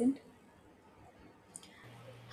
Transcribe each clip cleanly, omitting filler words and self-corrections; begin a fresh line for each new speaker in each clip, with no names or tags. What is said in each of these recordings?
Present.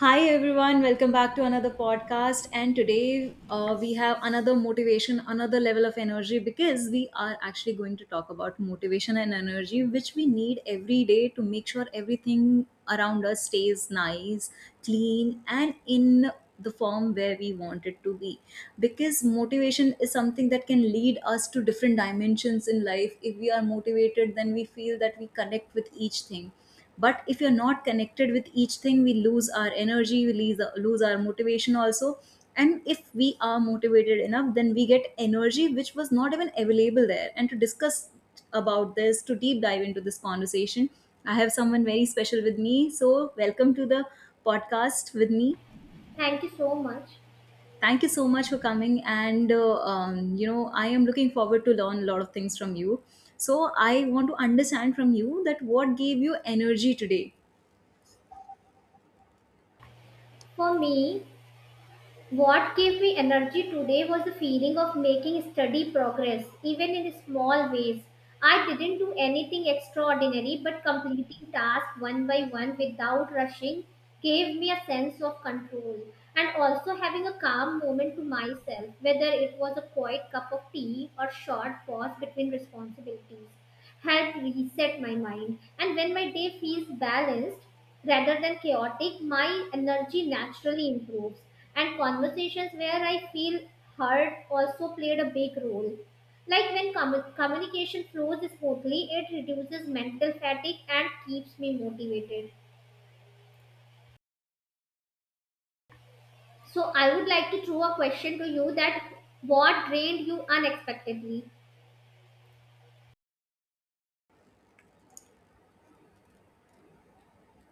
Hi everyone, welcome back to another podcast. And today we have another motivation, another level of energy because we are actually going to talk about motivation and energy, which we need every day to make sure everything around us stays nice, clean, and in the form where we want it to be. Because motivation is something that can lead us to different dimensions in life. If we are motivated, then we feel that we connect with each thing, but if you're not connected with each thing, we lose our energy, we lose our motivation also. And if we are motivated enough, then we get energy which was not even available there. And to discuss about this, to deep dive into this conversation, I have someone very special with me, so welcome to the podcast with me.
Thank you so much.
Thank you so much for coming, and you know, I am looking forward to learn a lot of things from you. So I want to understand from you that what gave you energy today.
For me, what gave me energy today was the feeling of making steady progress, even in small ways. I didn't do anything extraordinary, but completing tasks one by one without rushing gave me a sense of control. And also having a calm moment to myself, whether it was a quiet cup of tea or short pause between responsibilities. Help reset my mind. And when my day feels balanced rather than chaotic, my energy naturally improves. And conversations where I feel heard also played a big role. Like when communication flows smoothly, it reduces mental fatigue and keeps me motivated. So I would like to throw a question to you that what drained you unexpectedly?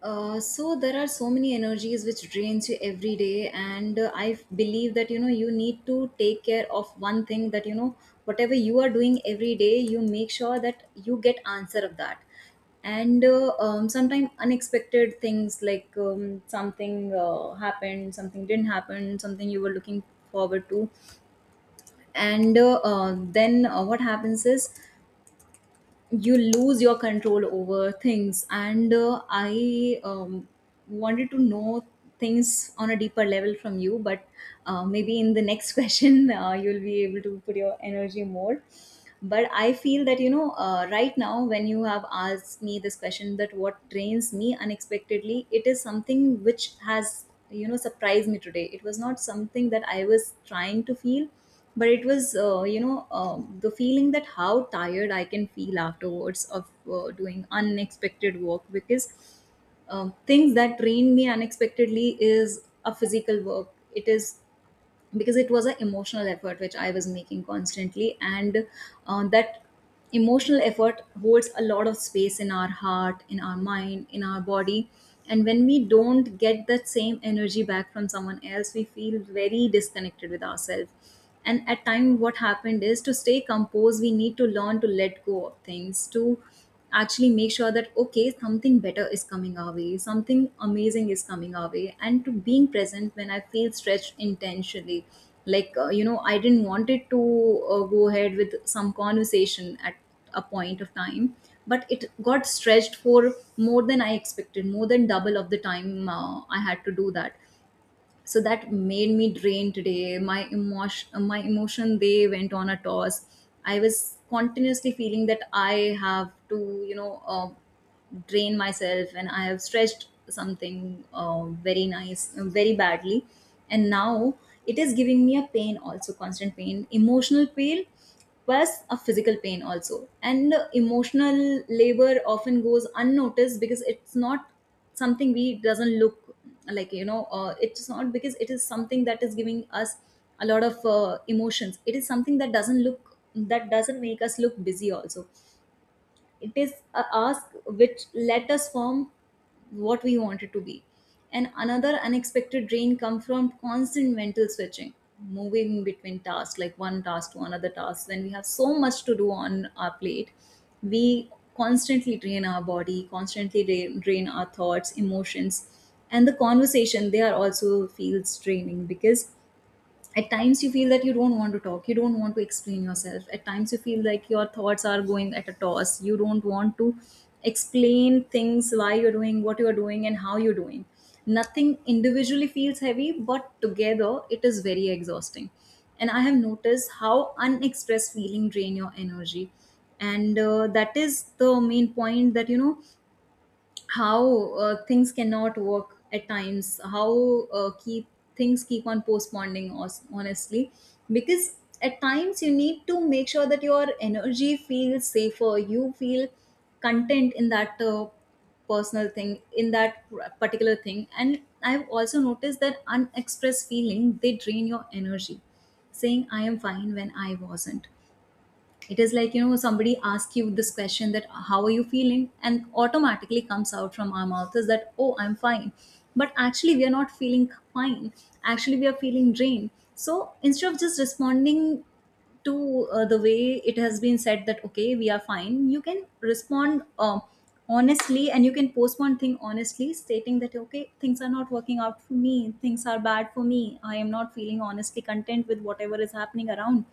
So there are so many energies which drains you every day, and believe that, you know, you need to take care of one thing, that you know, whatever you are doing every day, you make sure that you get answer of that. And sometimes unexpected things, like something happened, something didn't happen, something you were looking forward to, and then what happens is you lose your control over things. And I wanted to know things on a deeper level from you, but maybe in the next question you'll be able to put your energy more. But I feel that, you know, right now when you have asked me this question, that what drains me unexpectedly, it is something which has, you know, surprised me today. It was not something that I was trying to feel, but it was, you know, the feeling that how tired I can feel afterwards of doing unexpected work. Because things that drain me unexpectedly is a physical work. It is because it was an emotional effort which I was making constantly, and that emotional effort holds a lot of space in our heart, in our mind, in our body. And when we don't get that same energy back from someone else, we feel very disconnected with ourselves. And at time, what happened is, to stay composed, we need to learn to let go of things, to actually make sure that okay, something better is coming our way, something amazing is coming our way, and to being present when I feel stretched intentionally. Like, you know, I didn't want it to go ahead with some conversation at a point of time, but it got stretched for more than I expected, more than double of the time I had to do that. So that made me drained today. My emotion, my emotion, they went on a toss. I was continuously feeling that I have to, you know, drained myself, and I have stretched something very nice, very badly. And now it is giving me a pain also, constant pain, emotional pain, plus a physical pain also. And emotional labor often goes unnoticed because it's not something we doesn't look like, you know, it's not, because it is something that is giving us a lot of emotions. It is something that doesn't look, that doesn't make us look busy also. It is a ask which let us form what we wanted to be. And another unexpected drain come from constant mental switching, moving between tasks, like one task to another task. When we have so much to do on our plate, we constantly drain our body, constantly drain our thoughts, emotions, and the conversation. They are also feels draining, because at times you feel that you don't want to talk, you don't want to explain yourself. At times you feel like your thoughts are going at a toss, you don't want to explain things why you're doing, what you're doing, and how you're doing. Nothing individually feels heavy, but together it is very exhausting. And I have noticed how unexpressed feeling drain your energy. And that is the main point, that you know, how things cannot work at times, how keep things keep on postponing honestly, because at times you need to make sure that your energy feels safer, you feel content in that personal thing, in that particular thing. And I've also noticed that unexpressed feeling, they drain your energy. Saying I am fine when I wasn't. It is like, you know, somebody asks you this question that how are you feeling, and automatically comes out from our mouth is that, oh, I'm fine. But actually we are not feeling fine, actually we are feeling drained. So instead of just responding to the way it has been said, that okay, we are fine, you can respond honestly, and you can post one thing honestly, stating that okay, things are not working out for me, things are bad for me, I am not feeling honestly content with whatever is happening around.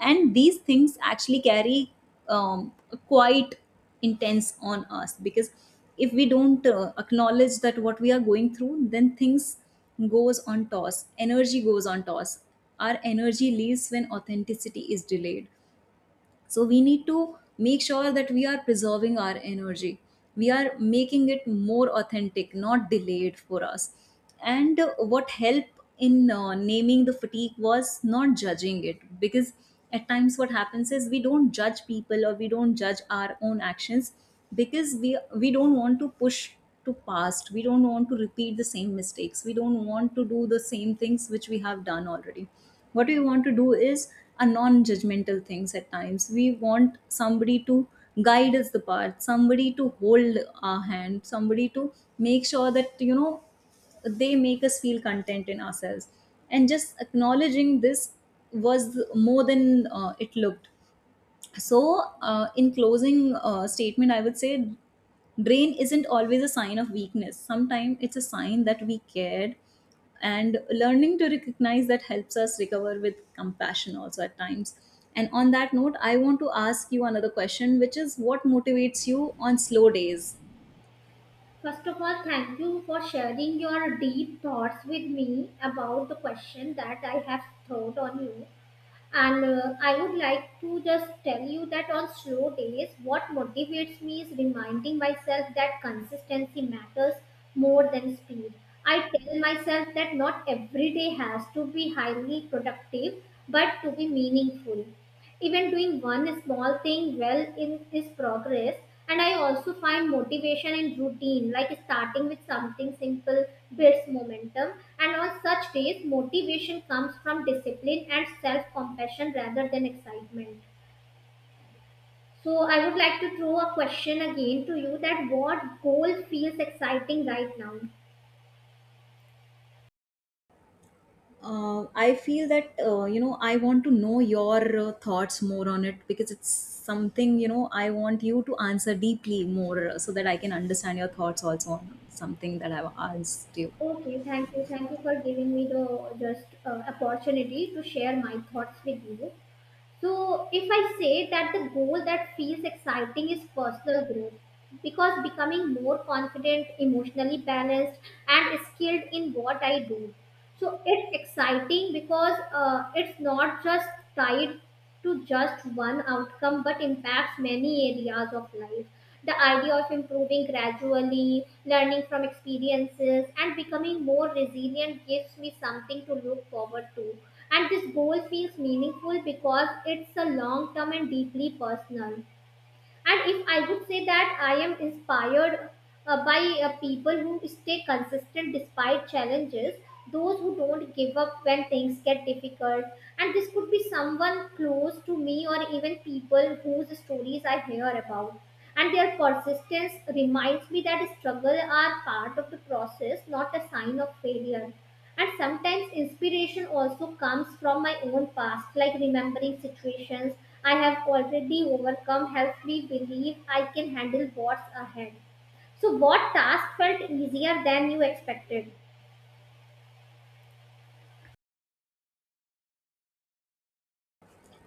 And these things actually carry um, quite intense on us, because if we don't acknowledge that what we are going through, then things goes on toss, energy goes on toss. Our energy leaves when authenticity is delayed. So we need to make sure that we are preserving our energy. We are making it more authentic, not delayed for us. And what helped in naming the fatigue was not judging it. Because at times what happens is, we don't judge people, or we don't judge our own actions, because we don't want to push to past, we don't want to repeat the same mistakes, we don't want to do the same things which we have done already. What we want to do is a non-judgmental things. At times we want somebody to guide us the path, somebody to hold our hand, somebody to make sure that, you know, they make us feel content in ourselves. And just acknowledging this was more than it looked. So in closing statement, I would say, drain isn't always a sign of weakness, sometimes it's a sign that we cared. And learning to recognize that helps us recover with compassion also at times. And on that note, I want to ask you another question, which is, what motivates you on slow days?
First of all, thank you for sharing your deep thoughts with me about the question that I have thrown on you. And I would like to just tell you that on slow days, what motivates me is reminding myself that consistency matters more than speed. I tell myself that not every day has to be highly productive, but to be meaningful, even doing one small thing well in is progress. And I also find motivation in routine, like starting with something simple builds momentum. And on such days motivation comes from discipline and self compassion rather than excitement. So I would like to throw a question again to you that what goal feels exciting right now?
I feel that you know, I want to know your thoughts more on it, because it's something, you know, I want you to answer deeply more, so that I can understand your thoughts also on something that I've asked you.
Okay, thank you. Thank you for giving me the just opportunity to share my thoughts with you. So, if I say that the goal that feels exciting is personal growth, because becoming more confident, emotionally balanced, and skilled in what I do. So, it's exciting because it's not just tied to just one outcome but impacts many areas of life. The idea of improving gradually, learning from experiences, and becoming more resilient gives me something to look forward to. And this goal feels meaningful because it's a long term and deeply personal. And if I would say that I am inspired by people who stay consistent despite challenges, those who don't give up when things get difficult. And this could be someone close to me or even people whose stories I hear about. And their persistence reminds me that struggles are part of the process, not a sign of failure. And sometimes inspiration also comes from my own past, like remembering situations I have already overcome helps me believe I can handle what's ahead. So, what task felt easier than you expected?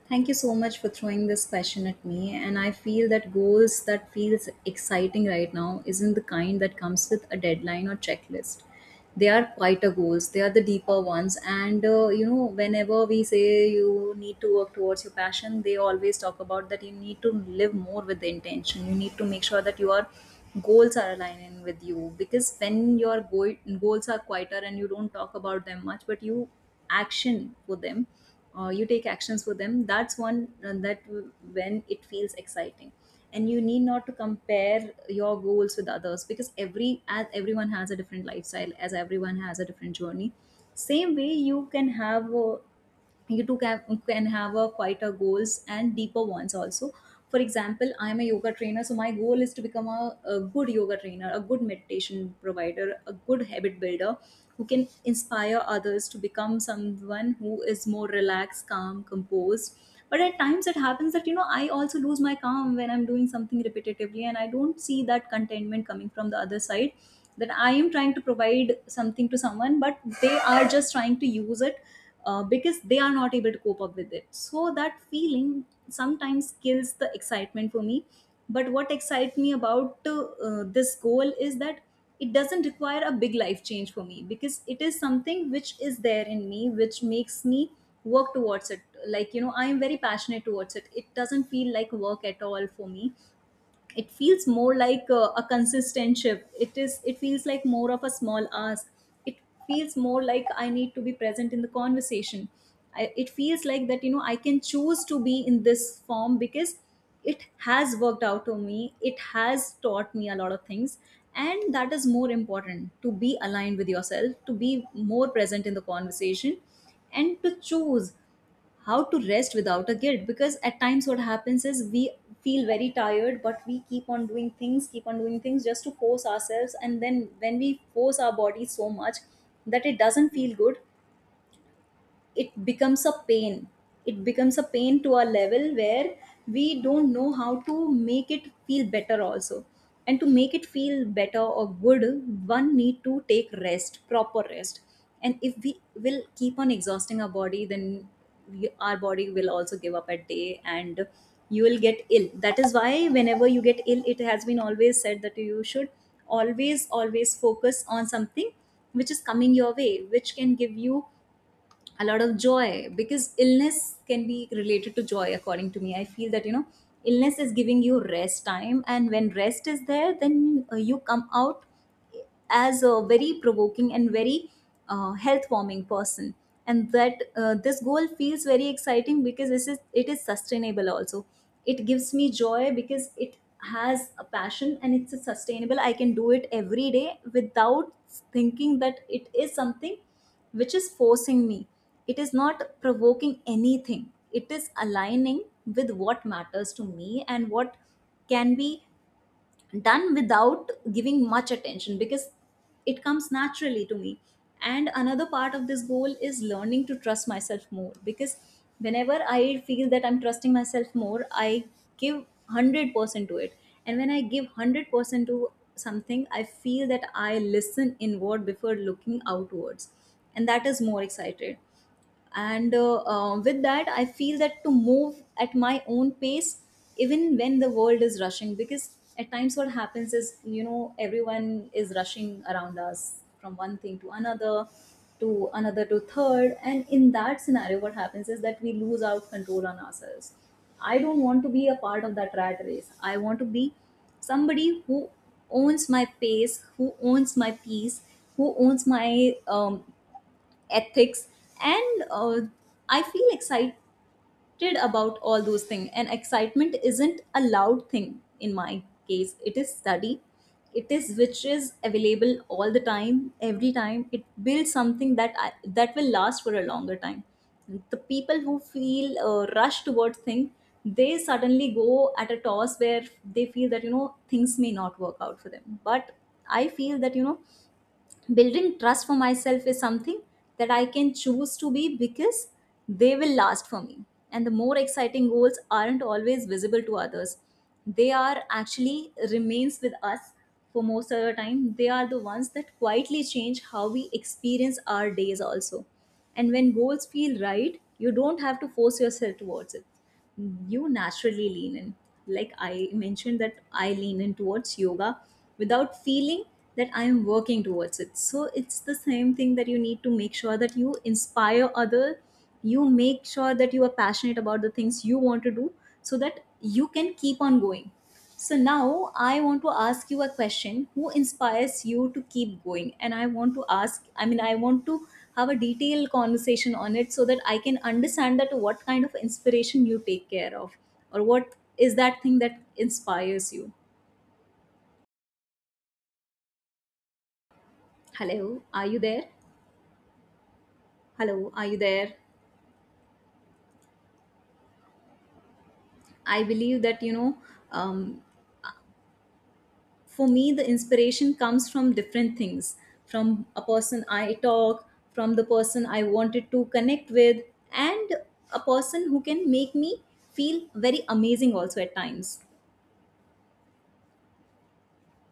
Thank you so much for throwing this question at me. And I feel that goals that feels exciting right now isn't the kind that comes with a deadline or checklist. They are quieter goals. They are the deeper ones. And you know, whenever we say you need to work towards your passion, they always talk about that you need to live more with the intention. You need to make sure that your goals are aligning with you, because when your goals are quieter and you don't talk about them much, but you action for them, you take actions for them, that's one that when it feels exciting. And you need not to compare your goals with others, because every, as everyone has a different lifestyle, as everyone has a different journey, same way you can have a, you too can, can have a quieter goals and deeper ones also. For example, I am a yoga trainer, so my goal is to become a good yoga trainer, a good meditation provider, a good habit builder, who can inspire others to become someone who is more relaxed, calm, composed. But at times it happens that, you know, I also lose my calm when I'm doing something repetitively, and I don't see that contentment coming from the other side, that I am trying to provide something to someone, but they are just trying to use it, because they are not able to cope up with it. So that feeling sometimes kills the excitement for me. But what excites me about this goal is that it doesn't require a big life change for me, because it is something which is there in me, which makes me work towards it. Like, you know, I am very passionate towards it. It doesn't feel like work at all for me. It feels more like a consistent shift. It feels like more of a small ask. It feels more like I need to be present in the conversation. It feels like that, you know, I can choose to be in this form because it has worked out to me. It has taught me a lot of things. And that is more important, to be aligned with yourself, to be more present in the conversation, and to choose how to rest without a guilt. Because at times what happens is we feel very tired, but we keep on doing things, keep on doing things just to force ourselves. And then when we force our body so much that it doesn't feel good, it becomes a pain. It becomes a pain to a level where we don't know how to make it feel better also. And to make it feel better or good, one need to take rest, proper rest. And if we will keep on exhausting our body, then our body will also give up at day, and you will get ill. That is why whenever you get ill, it has been always said that you should always always focus on something which is coming your way, which can give you a lot of joy. Because illness can be related to joy, according to me. I feel that, you know, illness is giving you rest time, and when rest is there, then you come out as a very provoking and very health-warming person. And that this goal feels very exciting because this is it is sustainable also. It gives me joy because it has a passion, and it's a sustainable. I can do it every day without thinking that it is something which is forcing me. It is not provoking anything, it is aligning with what matters to me and what can be done without giving much attention, because it comes naturally to me. And another part of this goal is learning to trust myself more. Because whenever I feel that I'm trusting myself more, I give 100% to it. And when I give 100% to something, I feel that I listen inward before looking outwards. And that is more excited. And with that I feel that to move at my own pace even when the world is rushing. Because at times what happens is, you know, everyone is rushing around us from one thing to another, to another, to third. And in that scenario what happens is that we lose out control on ourselves. I don't want to be a part of that rat race. I want to be somebody who owns my pace, who owns my peace, who owns my ethics. And I feel excited about all those things. And excitement isn't a loud thing in my case. It is study. It is which is available all the time, every time. It builds something that that will last for a longer time. The people who feel rushed towards things, they suddenly go at a toss where they feel that, you know, things may not work out for them. But I feel that, you know, building trust for myself is something that I can choose to be, because they will last for me. And the more exciting goals aren't always visible to others. They are actually remains with us for most of the time. They are the ones that quietly change how we experience our days also. And when goals feel right, you don't have to force yourself towards it, you naturally lean in. Like I mentioned, that I lean in towards yoga without feeling that I am working towards it. So it's the same thing, that you need to make sure that you inspire other, you make sure that you are passionate about the things you want to do so that you can keep on going. So now I want to ask you a question. Who inspires you to keep going? And I want to ask, I mean, I want to have a detailed conversation on it so that I can understand that what kind of inspiration you take care of, or what is that thing that inspires you. Hello, are you there? Hello, are you there? I believe that, you know, um, for me the inspiration comes from different things. From a person I talk, from the person I wanted to connect with, and a person who can make me feel very amazing also at times